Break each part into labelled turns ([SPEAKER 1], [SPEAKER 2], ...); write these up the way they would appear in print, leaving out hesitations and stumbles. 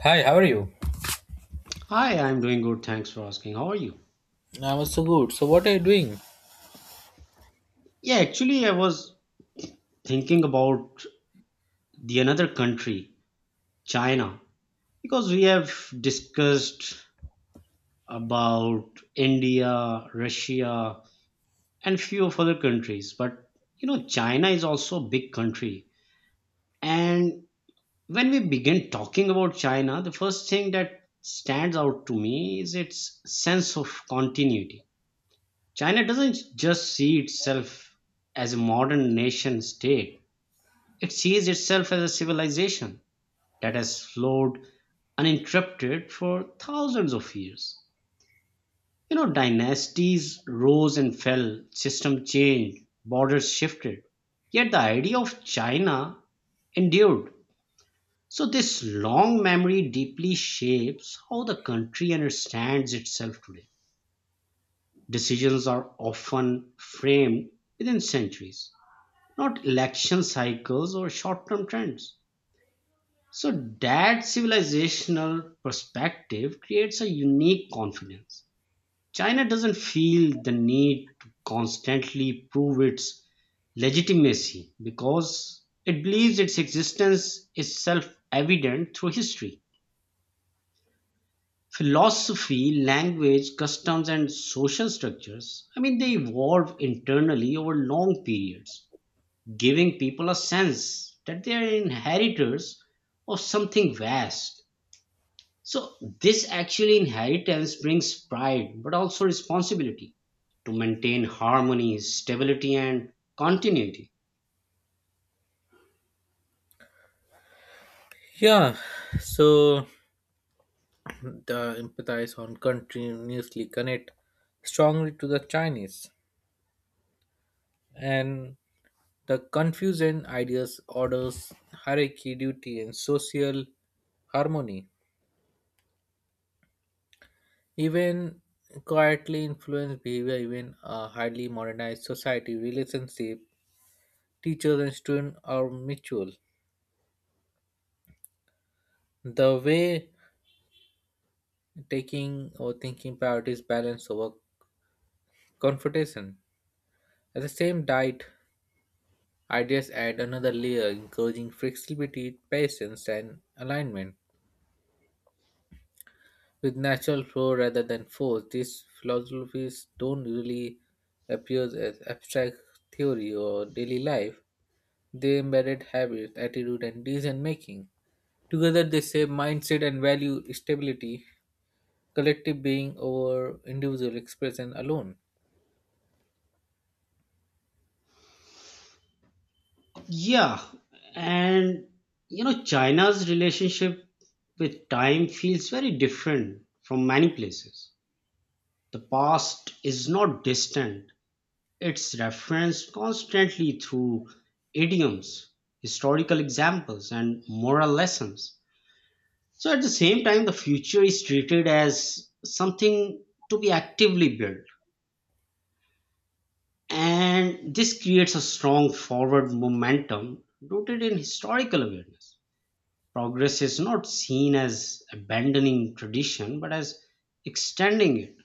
[SPEAKER 1] Hi, how are you?
[SPEAKER 2] Hi, I'm doing good. Thanks for asking. How are you?
[SPEAKER 1] I'm also good. So what are you doing?
[SPEAKER 2] I was thinking about the another country, China, because we have discussed about India, Russia, and few of other countries. But China is also a big country. And when we begin talking about China, the first thing that stands out to me is its sense of continuity. China doesn't just see itself as a modern nation state. It sees itself as a civilization that has flowed uninterrupted for thousands of years. You know, dynasties rose and fell, systems changed, borders shifted. Yet the idea of China endured. So this long memory deeply shapes how the country understands itself today. Decisions are often framed within centuries, not election cycles or short term trends. So that civilizational perspective creates a unique confidence. China doesn't feel the need to constantly prove its legitimacy because it believes its existence is self evident through history. Philosophy, language, customs, and social structures, they evolve internally over long periods, giving people a sense that they are inheritors of something vast. So this actually inheritance brings pride but also responsibility to maintain harmony, stability, and continuity.
[SPEAKER 1] Yeah, so the empathize on continuously connect strongly to the Chinese and the confusion ideas, orders, hierarchy, duty, and social harmony even quietly influence behavior even a highly modernized society relationship teachers and students are mutual the way taking or thinking priorities balance over confrontation. At the same diet, ideas add another layer, encouraging flexibility, patience, and alignment with natural flow rather than force. These philosophies don't really appear as abstract theory or daily life. They embedded habits, attitude, and decision making. Together, they shape mindset and value stability, collective being over individual expression alone.
[SPEAKER 2] Yeah, and China's relationship with time feels very different from many places. The past is not distant, it's referenced constantly through idioms, historical examples, and moral lessons. So at the same time, the future is treated as something to be actively built. And this creates a strong forward momentum rooted in historical awareness. Progress is not seen as abandoning tradition, but as extending it.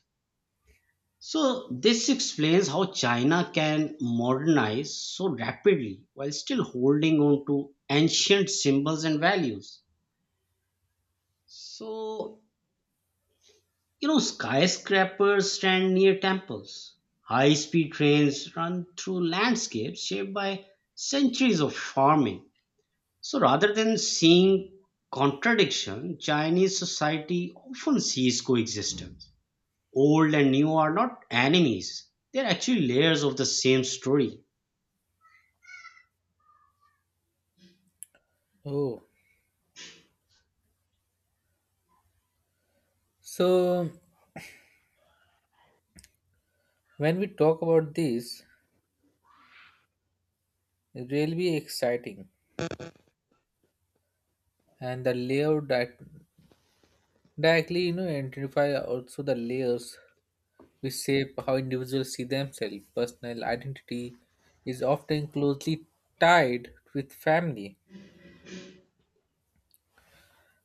[SPEAKER 2] So this explains how China can modernize so rapidly while still holding on to ancient symbols and values. So, You know, skyscrapers stand near temples. High speed trains run through landscapes shaped by centuries of farming. So rather than seeing contradiction, Chinese society often sees coexistence. Old and new are not enemies, they're actually layers of the same story.
[SPEAKER 1] Oh, so when we talk about this, it will be exciting and the directly you know identify also the layers which shape how individuals see themselves personal identity is often closely tied with family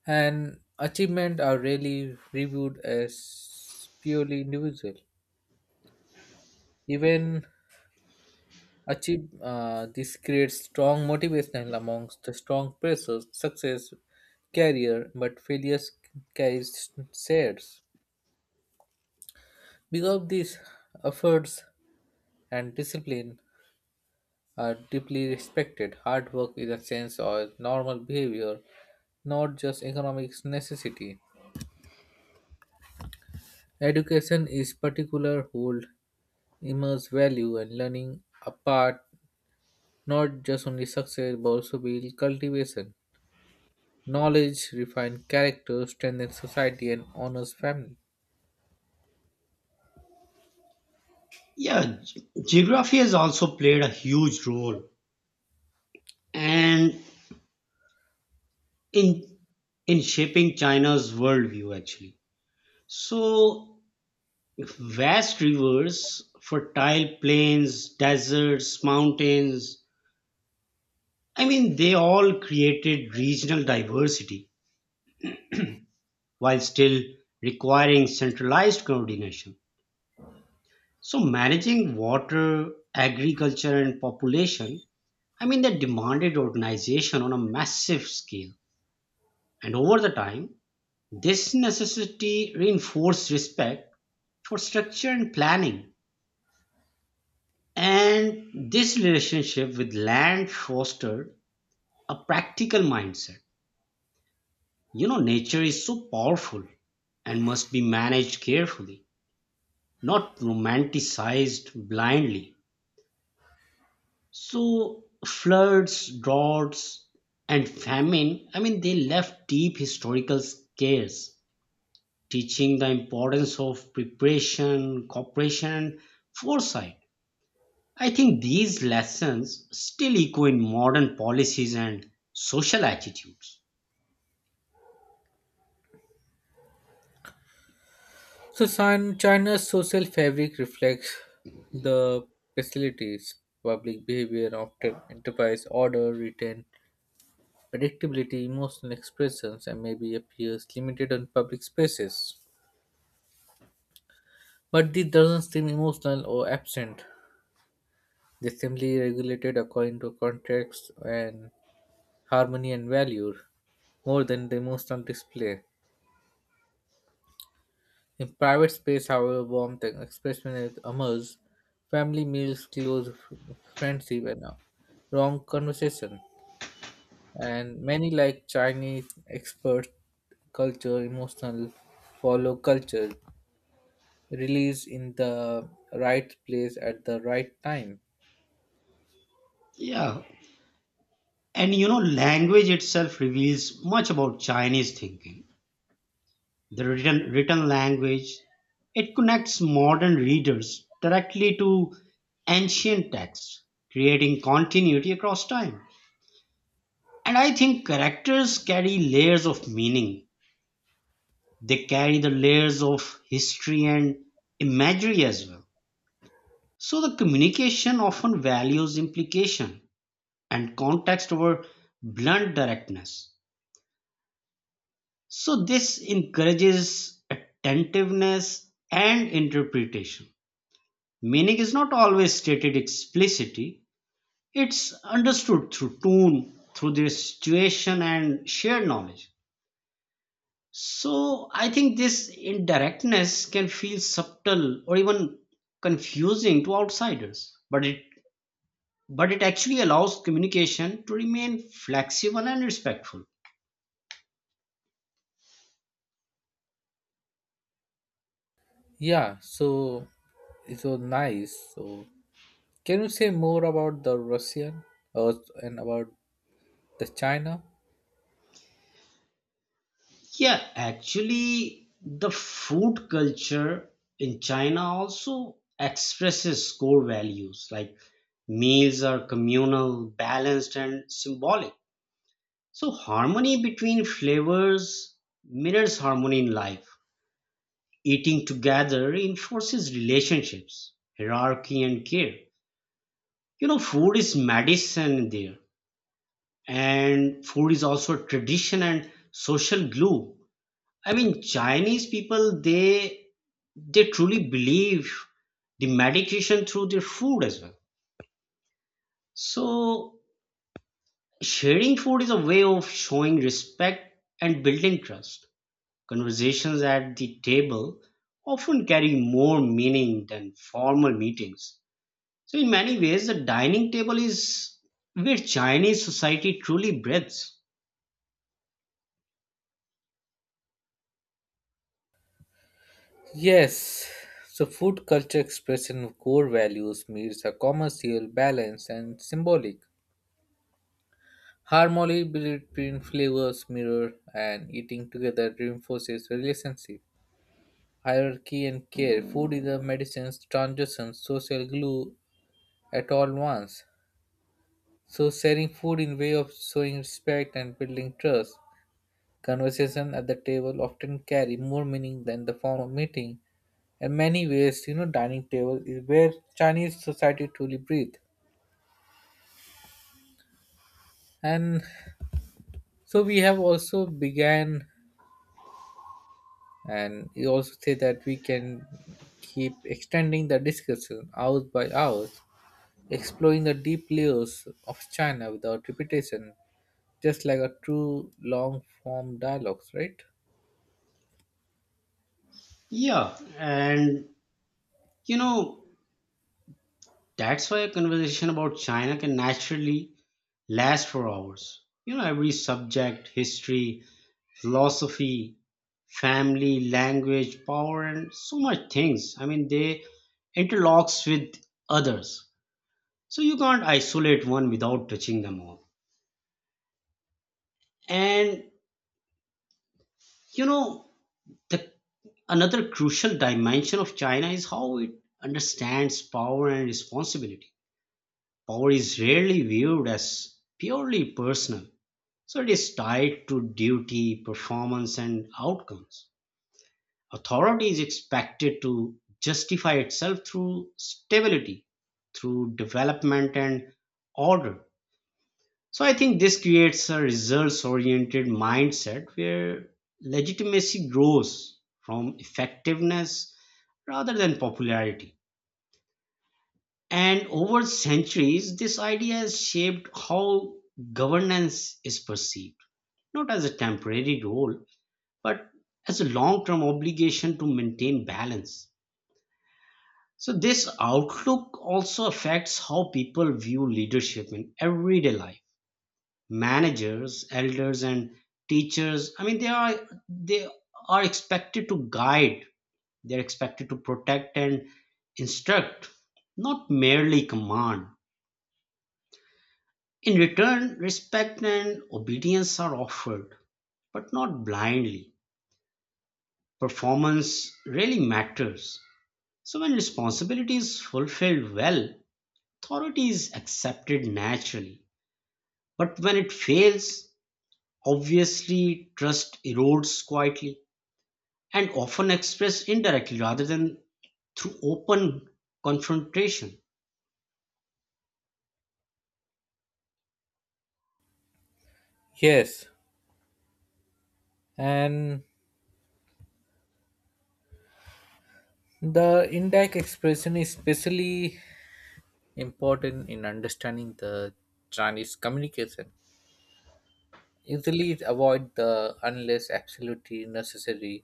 [SPEAKER 1] and achievement are rarely reviewed as purely individual even achieve this creates strong motivational amongst the strong pressures success career but failures carries shares because of these efforts and discipline are deeply respected. Hard work is a sense of normal behavior, not just economic necessity. Education is particular hold immense value and learning apart not just only success but also build cultivation. Knowledge refine character, strengthen society and honors family.
[SPEAKER 2] Yeah, ge- geography has also played a huge role and in in shaping China's worldview actually. So vast rivers, fertile plains, deserts, mountains. They all created regional diversity while still requiring centralized coordination. So, managing water, agriculture, and population, that demanded organization on a massive scale. And over the time, this necessity reinforced respect for structure and planning. And this relationship with land fostered a practical mindset. You know, nature is so powerful and must be managed carefully, not romanticized blindly. So, floods, droughts, and famine, they left deep historical scars, teaching the importance of preparation, cooperation, and foresight. I think these lessons still echo in modern policies and social attitudes.
[SPEAKER 1] So China's social fabric reflects the facilities, public behavior, often enterprise, order, return, predictability, emotional expressions, and maybe appears limited on public spaces. But this doesn't seem emotional or absent. They simply regulated according to context and harmony and value, more than the emotional display. In private space, however, warmth and expression emerge. Family meals, close friendship, and wrong conversation. And many like Chinese expert culture, emotional follow culture released in the right place at the right time.
[SPEAKER 2] Yeah, And you know, language itself reveals much about Chinese thinking. The written language, it connects modern readers directly to ancient texts, creating continuity across time. And I think characters carry layers of meaning. They carry the layers of history and imagery as well. So the communication often values implication and context over blunt directness. So this encourages attentiveness and interpretation. Meaning is not always stated explicitly, it's understood through tone, through the situation and shared knowledge. So I think this indirectness can feel subtle or even confusing to outsiders, but it actually allows communication to remain flexible and respectful.
[SPEAKER 1] Yeah, so it was nice. So can you say more about the Russian uh, and about the China?
[SPEAKER 2] The food culture in China also expresses core values like meals are communal, balanced, and symbolic. So, harmony between flavors mirrors harmony in life. Eating together reinforces relationships, hierarchy, and care. You know, food is medicine there, and food is also tradition and social glue. I mean, Chinese people, they truly believe the medication through their food as well. So, sharing food is a way of showing respect and building trust. Conversations at the table often carry more meaning than formal meetings. So, in many ways, the dining table is where Chinese society truly breathes.
[SPEAKER 1] Yes. So food culture expression of core values mirrors, a commercial balance and symbolic. Harmony between flavors mirror and eating together reinforces relationship. Hierarchy and care. Food is a medicine's transition, social glue at all once. So sharing food in way of showing respect and building trust. Conversation at the table often carry more meaning than the form of meeting. In many ways, you know, dining table is where Chinese society truly breathe. And so we have also began and you also say that we can keep extending the discussion hours by hours, exploring the deep layers of China without repetition, just like a true long form dialogues, right?
[SPEAKER 2] Yeah, and you know, that's why a conversation about China can naturally last for hours. You know, every subject, history, philosophy, family, language, power, and so much things. They interlocks with others. So you can't isolate one without touching them all. And you know, the another crucial dimension of China is how it understands power and responsibility. Power is rarely viewed as purely personal. So it is tied to duty, performance, and outcomes. Authority is expected to justify itself through stability, through development and order. So I think this creates a results oriented mindset where legitimacy grows from effectiveness rather than popularity. And over centuries, this idea has shaped how governance is perceived, not as a temporary role, but as a long term obligation to maintain balance. So this outlook also affects how people view leadership in everyday life. Managers, elders, and teachers, they are expected to guide, they're expected to protect and instruct, not merely command. In return, respect and obedience are offered, but not blindly. Performance really matters. So when responsibility is fulfilled well, authority is accepted naturally. But when it fails, obviously trust erodes quietly and often expressed indirectly rather than through open confrontation.
[SPEAKER 1] Yes, and the indirect expression is especially important in understanding the chinese communication easily avoid the unless absolutely necessary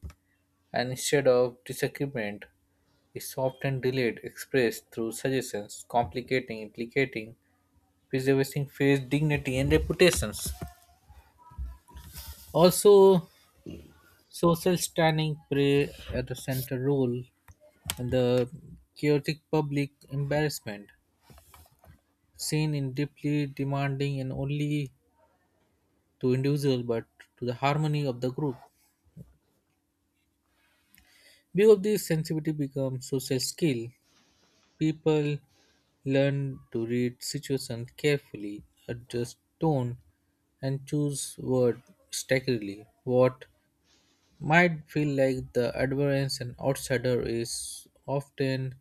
[SPEAKER 1] and instead of disagreement is often delayed expressed through suggestions complicating implicating preserving face dignity and reputations also social standing play at the center role in the chaotic public embarrassment seen in deeply demanding and only to individual but to the harmony of the group. Because this sensitivity becomes social skill, people learn to read situations carefully, adjust tone, and choose word staggeringly. What might feel like the adverse and outsider is often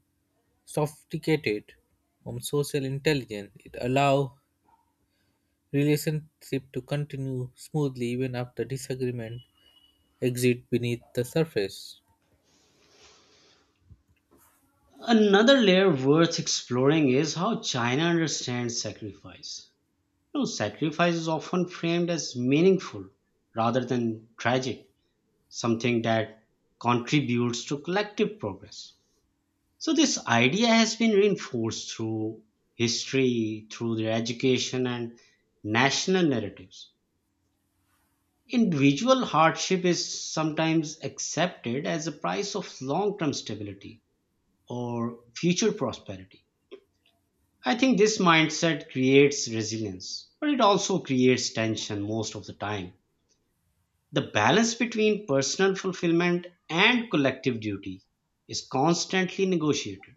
[SPEAKER 1] sophisticated from social intelligence. It allows relationship to continue smoothly even after disagreement exist beneath the surface.
[SPEAKER 2] Another layer worth exploring is how China understands sacrifice. You know, sacrifice is often framed as meaningful rather than tragic, something that contributes to collective progress. So this idea has been reinforced through history, through their education and national narratives. Individual hardship is sometimes accepted as a price of long-term stability or future prosperity. I think this mindset creates resilience, but it also creates tension most of the time. The balance between personal fulfillment and collective duty is constantly negotiated.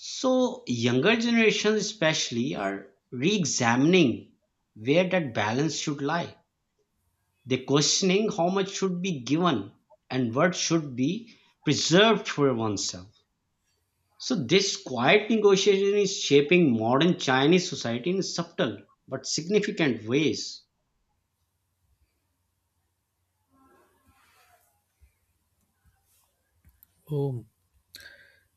[SPEAKER 2] So younger generations especially are re-examining where that balance should lie. They're questioning how much should be given and what should be preserved for oneself. So this quiet negotiation is shaping modern Chinese society in subtle but significant ways.
[SPEAKER 1] Oh,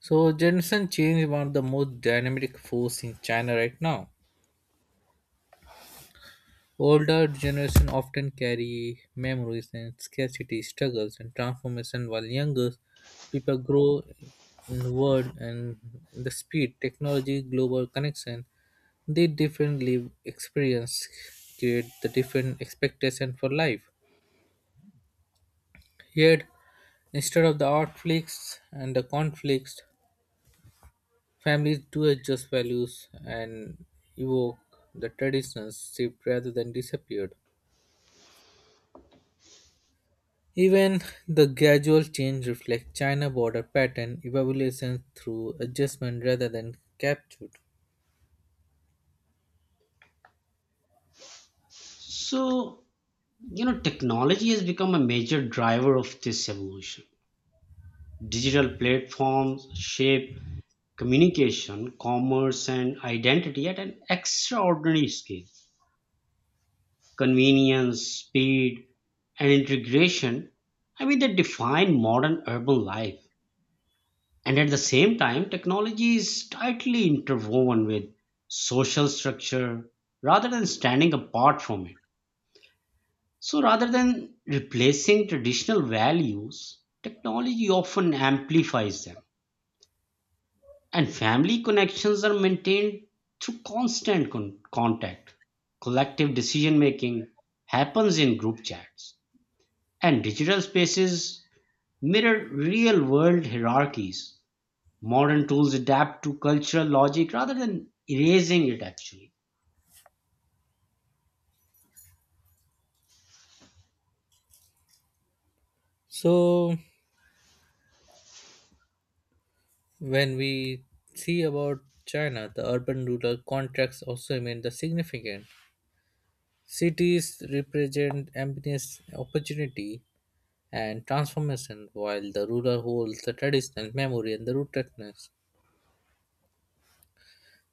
[SPEAKER 1] so generation change one of the most dynamic force in China right now. Older generation often carry memories and scarcity struggles and transformation while younger people grow in the world and in the speed, technology, global connection, they differently experience create the different expectation for life. Yet instead of the outflicks and the conflicts families do adjust values and evoke the traditions shift rather than disappeared. Even the gradual change reflects China border pattern evaluation through adjustment rather than captured.
[SPEAKER 2] So, you know, technology has become a major driver of this evolution. Digital platforms shape communication, commerce, and identity at an extraordinary scale. Convenience, speed, and integration, they define modern urban life. And at the same time, technology is tightly interwoven with social structure rather than standing apart from it. So, rather than replacing traditional values, technology often amplifies them. And family connections are maintained through contact. Collective decision making happens in group chats, and digital spaces mirror real world hierarchies. Modern tools adapt to cultural logic rather than erasing it, actually.
[SPEAKER 1] So when we see about China, the urban rural contracts also remain the significant. Cities represent ambitious opportunity and transformation, while the rural holds the traditional memory and the rootedness.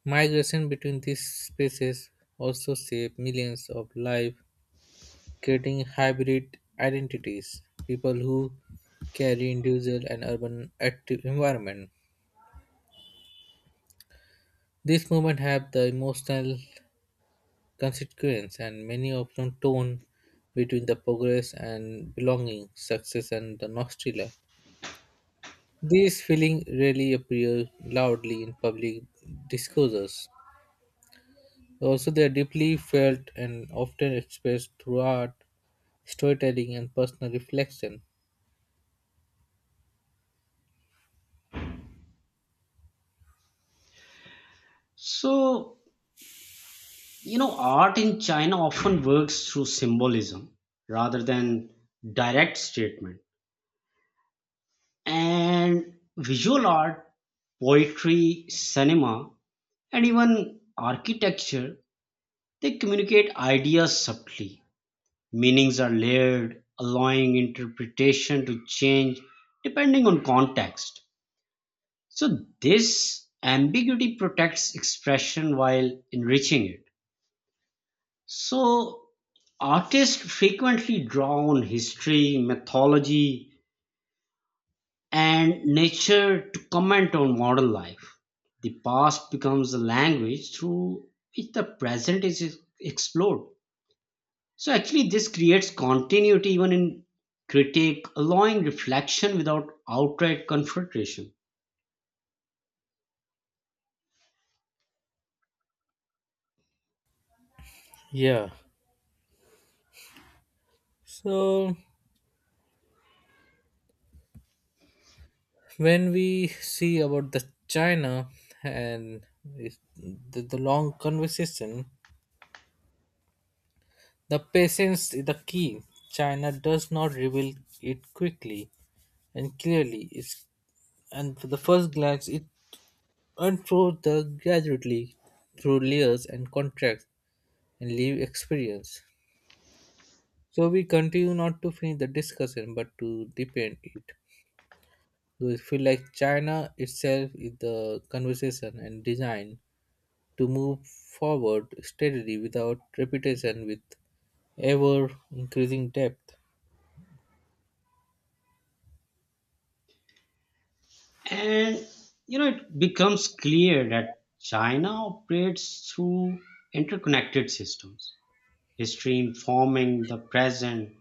[SPEAKER 1] Migration between these species also shaped millions of lives, creating hybrid identities, people who carry individual and urban active environment. These movements have the emotional consequence and many often tone between the progress and belonging, success and the nostalgia. These feelings rarely appear loudly in public discourses. Also, they are deeply felt and often expressed through art, storytelling and personal reflection.
[SPEAKER 2] So, you know, art in China often works through symbolism rather than direct statement. And visual art, poetry, cinema, and even architecture, they communicate ideas subtly. Meanings are layered, allowing interpretation to change depending on context. So this ambiguity protects expression while enriching it. So artists frequently draw on history, mythology, and nature to comment on modern life. The past becomes a language through which the present is explored. So actually, this creates continuity even in critique, allowing reflection without outright confrontation.
[SPEAKER 1] Yeah. So when we see about the China and the long conversation, the patience is the key. China does not reveal it quickly and clearly. It's, and for the first glance, it unfolds the gradually through layers and contracts and live experience. So we continue not to finish the discussion but to deepen it. Do you feel like China itself is the conversation and design to move forward steadily without repetition with ever increasing depth?
[SPEAKER 2] And it becomes clear that China operates through interconnected systems, history informing the present,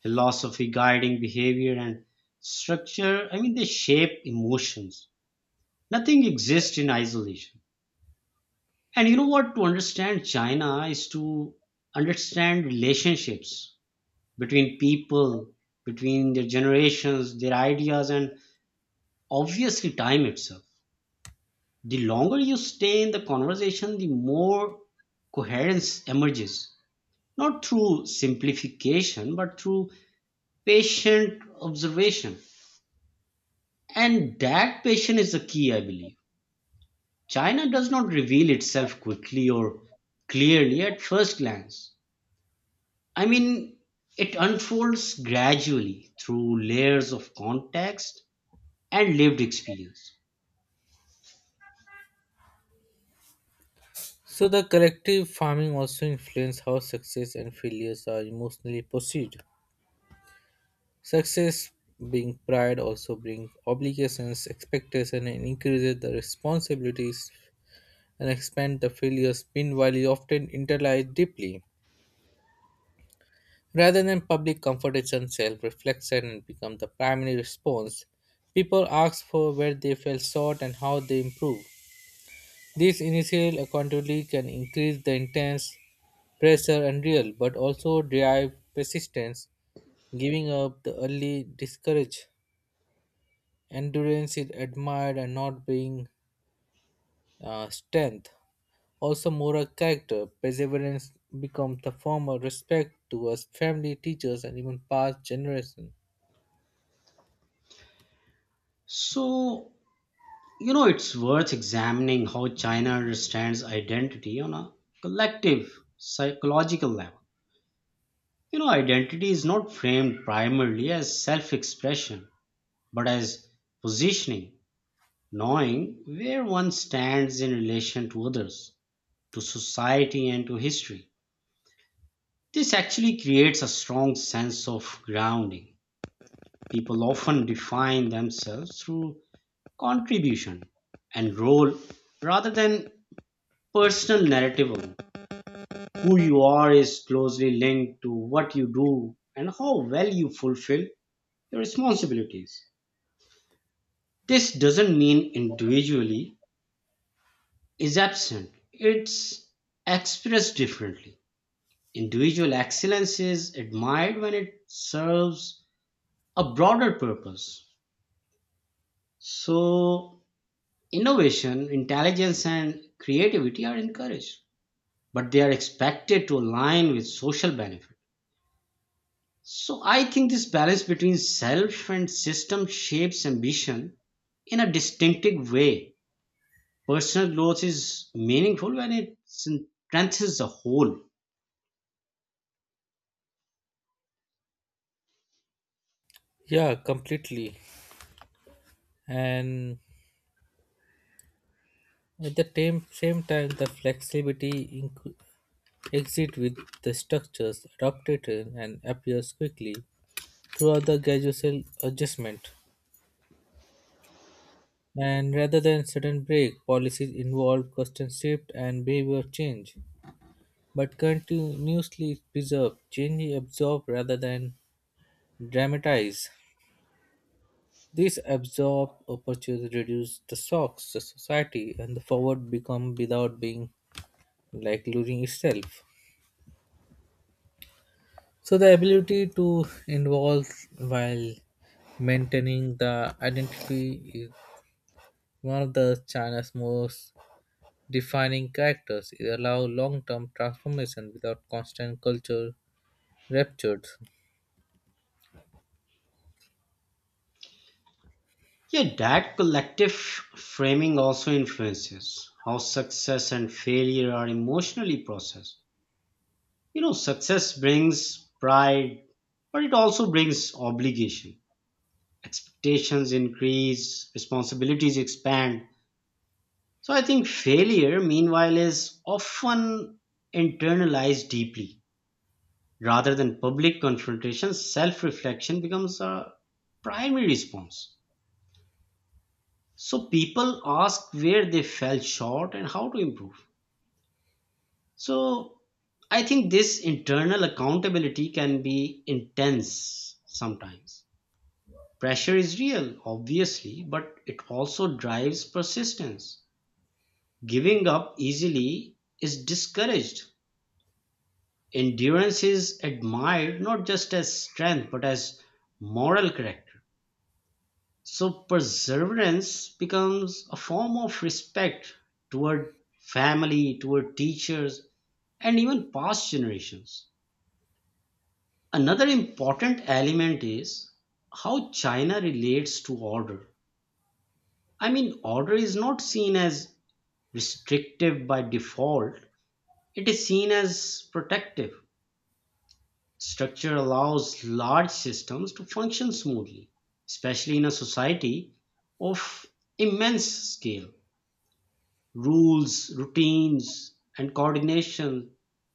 [SPEAKER 2] philosophy guiding behavior, and structure. They shape emotions. Nothing exists in isolation. And you know what? To understand China is to understand relationships between people, between their generations, their ideas, and obviously time itself. The longer you stay in the conversation, the more coherence emerges, not through simplification, but through patient observation. And that patient is the key, I believe. China does not reveal itself quickly or clearly at first glance. I mean, it unfolds gradually through layers of context and lived experience.
[SPEAKER 1] So the collective farming also influences how success and failures are emotionally perceived. Success being pride also brings obligations, expectations, and increases the responsibilities and expand the failures meanwhile is often internalized deeply. Rather than public confrontation, self reflection become the primary response. People ask for where they fell short and how they improve. This initial accountability can increase the intense pressure and real, but also drive persistence. Giving up the early discourage endurance is admired and not being strength. Also, moral character perseverance becomes the form of respect towards family, teachers, and even past generations.
[SPEAKER 2] So, it's worth examining how China understands identity on a collective psychological level. Identity is not framed primarily as self expression, but as positioning, knowing where one stands in relation to others, to society, and to history. This actually creates a strong sense of grounding. People often define themselves through contribution and role rather than personal narrative of who you are is closely linked to what you do and how well you fulfill your responsibilities. This doesn't mean individually is absent, it's expressed differently. Individual excellence is admired when it serves a broader purpose. So, innovation, intelligence, and creativity are encouraged but they are expected to align with social benefit. So I think this balance between self and system shapes ambition in a distinctive way. Personal growth is meaningful when it strengthens the whole.
[SPEAKER 1] Yeah, completely. And at the same time, the flexibility inc- exit with the structures adopted and appears quickly throughout the gradual adjustment. And rather than sudden break, policies involve constant shift and behavior change, but continuously preserve change absorb rather than dramatize. These absorb opportunities reduce the shocks the society and the forward become without being like losing itself. So the ability to involve while maintaining the identity is one of the China's most defining characters. It allows long-term transformation without constant culture ruptures.
[SPEAKER 2] Yeah, that collective framing also influences how success and failure are emotionally processed. You know, success brings pride, but it also brings obligation expectations increase, responsibilities expand. So I think failure, meanwhile, is often internalized deeply. Rather than public confrontation, self reflection becomes a primary response. So people ask where they fell short and how to improve. So I think this internal accountability can be intense sometimes. Pressure is real, obviously, but it also drives persistence. Giving up easily is discouraged. Endurance is admired not just as strength but as moral character. So, perseverance becomes a form of respect toward family, toward teachers, and even past generations. Another important element is how China relates to order. I mean, order is not seen as restrictive by default, it is seen as protective. Structure allows large systems to function smoothly, especially in a society of immense scale. Rules, routines, and coordination,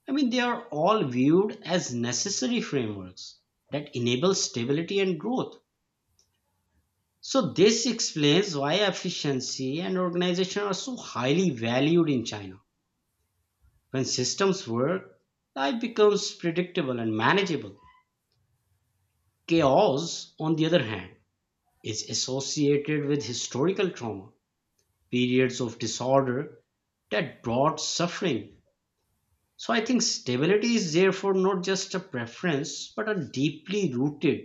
[SPEAKER 2] I mean, they are all viewed as necessary frameworks that enable stability and growth. So, this explains why efficiency and organization are so highly valued in China. When systems work, life becomes predictable and manageable. Chaos, on the other hand, is associated with historical trauma, periods of disorder that brought suffering. So I think stability is therefore not just a preference, but a deeply rooted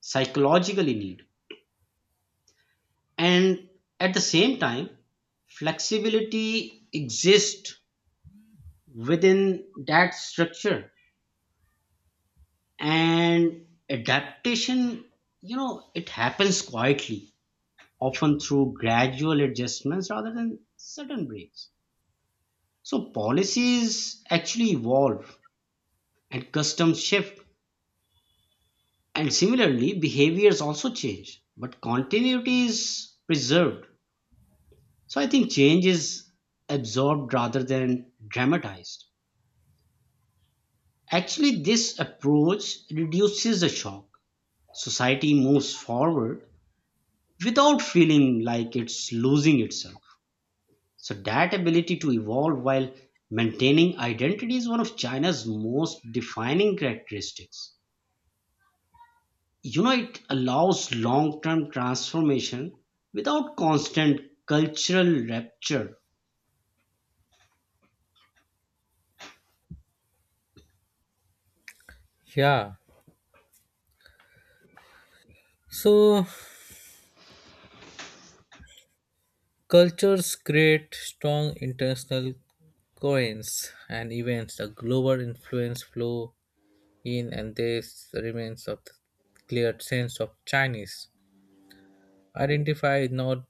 [SPEAKER 2] psychological need. And at the same time, flexibility exists within that structure and adaptation. It happens quietly, often through gradual adjustments rather than sudden breaks. So policies actually evolve and customs shift, and similarly, behaviors also change, but continuity is preserved. So I think change is absorbed rather than dramatized. Actually, this approach reduces the shock. Society moves forward without feeling like it's losing itself. So, that ability to evolve while maintaining identity is one of China's most defining characteristics. It allows long-term transformation without constant cultural rupture.
[SPEAKER 1] Yeah. So cultures create strong international coins and events. The global influence flow in and this remains of the clear sense of Chinese. Identify is not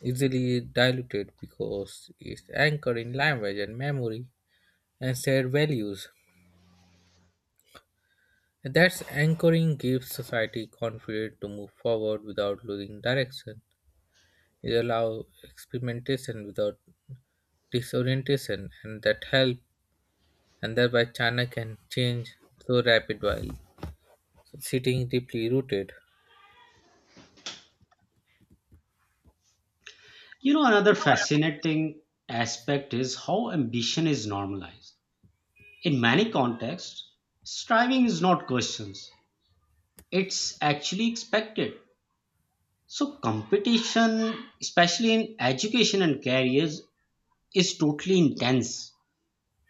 [SPEAKER 1] easily diluted because it's anchored in language and memory and shared values. That's anchoring gives society confidence to move forward without losing direction. It allows experimentation without disorientation, and that help. And thereby, China can change so rapid while sitting deeply rooted.
[SPEAKER 2] Another fascinating aspect is how ambition is normalized. In many contexts striving is not questioned, it's actually expected. So competition, especially in education and careers, is totally intense,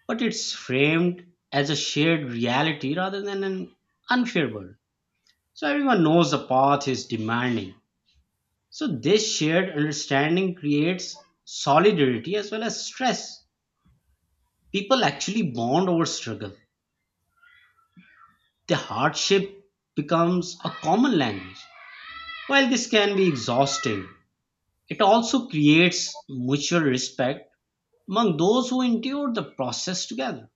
[SPEAKER 2] but it's framed as a shared reality rather than an unfair world. So everyone knows the path is demanding. So this shared understanding creates solidarity as well as stress. People actually bond over struggle. The hardship becomes a common language. While this can be exhausting, it also creates mutual respect among those who endure the process together.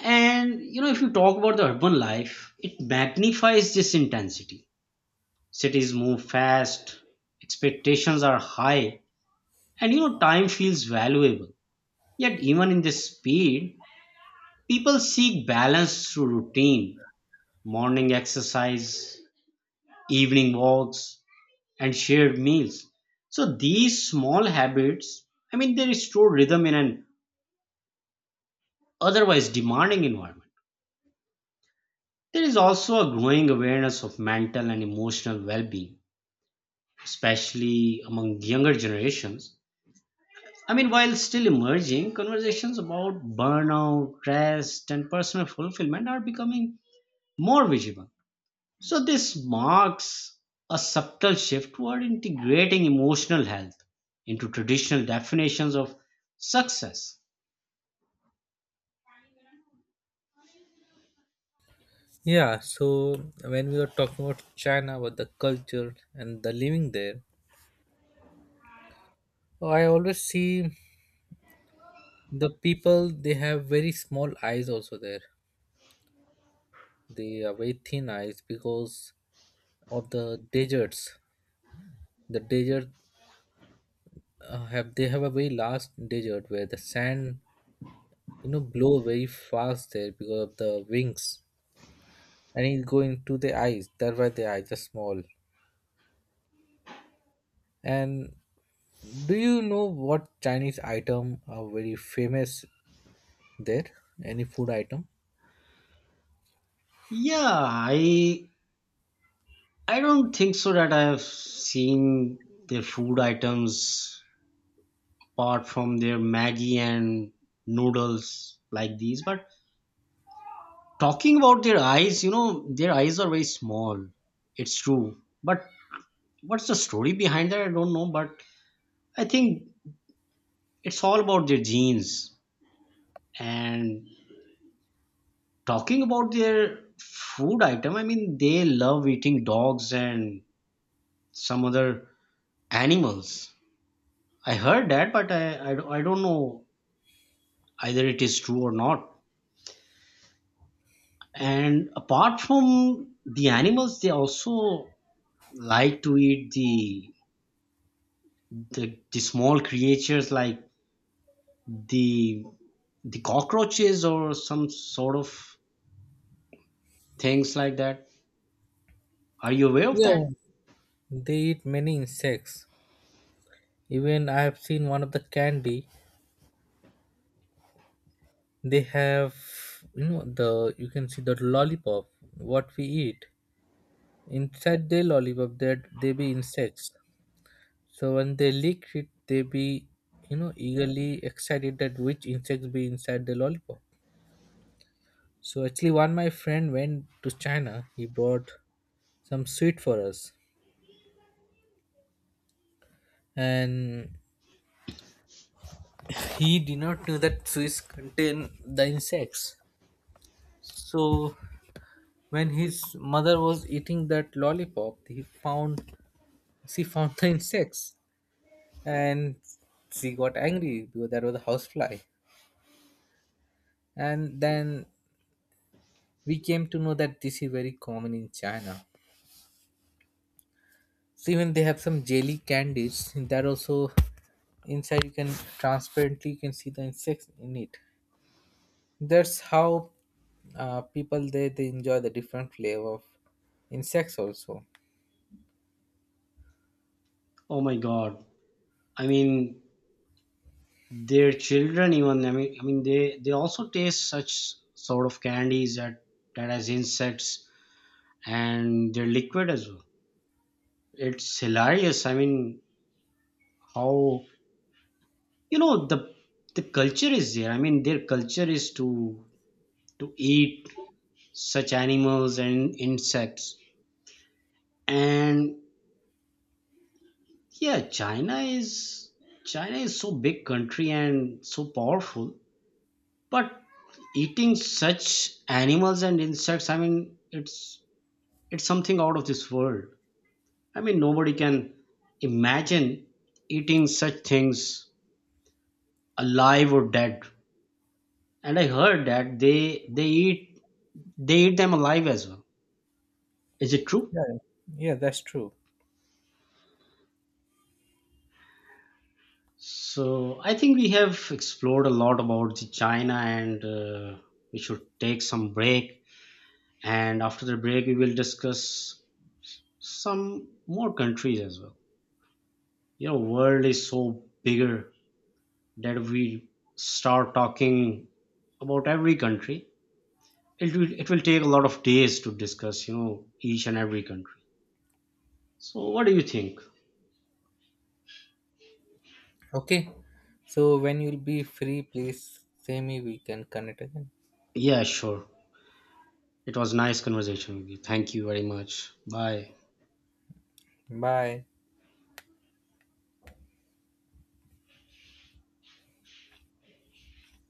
[SPEAKER 2] And you know, if you talk about the urban life, it magnifies this intensity. Cities move fast, expectations are high, and you know, time feels valuable. Yet, even in this speed, people seek balance through routine, morning exercise, evening walks, and shared meals. So, these small habits, I mean, they restore rhythm in an otherwise demanding environment. There is also a growing awareness of mental and emotional well being, especially among younger generations. I mean, while still emerging, conversations about burnout, rest, and personal fulfillment are becoming more visible. So, this marks a subtle shift toward integrating emotional health into traditional definitions of success.
[SPEAKER 1] Yeah, so when we were talking about China, about the culture and the living there, oh, I always see the people they have very small eyes also there they are very thin eyes because of the deserts the desert have they have a very large desert where the sand you know blow very fast there because of the wings and it go into the eyes that's why the eyes are small. And do you know what Chinese item are very famous there, any food item?
[SPEAKER 2] Yeah, I don't think so that I have seen their food items apart from their Maggie and noodles like these, but talking about their eyes, you know, their eyes are very small. It's true. But what's the story behind that? I don't know. But I think it's all about their genes. And talking about their food item, I mean, they love eating dogs and some other animals. I heard that, but I don't know either it is true or not. And apart from the animals, they also like to eat the small creatures like the the cockroaches or some sort of things like that. Are you aware of that?
[SPEAKER 1] Yeah, they eat many insects. Even I have seen one of the candy they have, you know, the you can see the lollipop what we eat inside their lollipop that they be insects. So when they lick it they be, you know, eagerly excited that which insects be inside the lollipop. So actually one my friend went to China, he brought some sweet for us and he did not know that sweets contain the insects. So when his mother was eating that lollipop he found she found the insects and she got angry because that was a housefly. And then we came to know that this is very common in China. So even they have some jelly candies that also inside you can transparently you can see the insects in it. That's how people they enjoy the different flavor of insects also.
[SPEAKER 2] Oh my god, I mean, their children, even, I mean they also taste such sort of candies that that has insects, and they're liquid as well. It's hilarious. I mean, how, you know, the culture is there. I mean, their culture is to eat such animals and insects. And yeah, China is, China is so big country and so powerful, but eating such animals and insects, I mean, it's something out of this world. I mean, nobody can imagine eating such things alive or dead. And I heard that they eat, they eat them alive as well. Is it true?
[SPEAKER 1] Yeah, yeah, that's true.
[SPEAKER 2] So I think we have explored a lot about the China, and we should take some break, and after the break we will discuss some more countries as well. You know, world is so bigger that we start talking about every country, it will take a lot of days to discuss, you know, each and every country. So what do you think?
[SPEAKER 1] Okay, so when you'll be free please say me we can connect again.
[SPEAKER 2] Yeah, sure. It was nice conversation with you. Thank you very much. Bye.
[SPEAKER 1] Bye.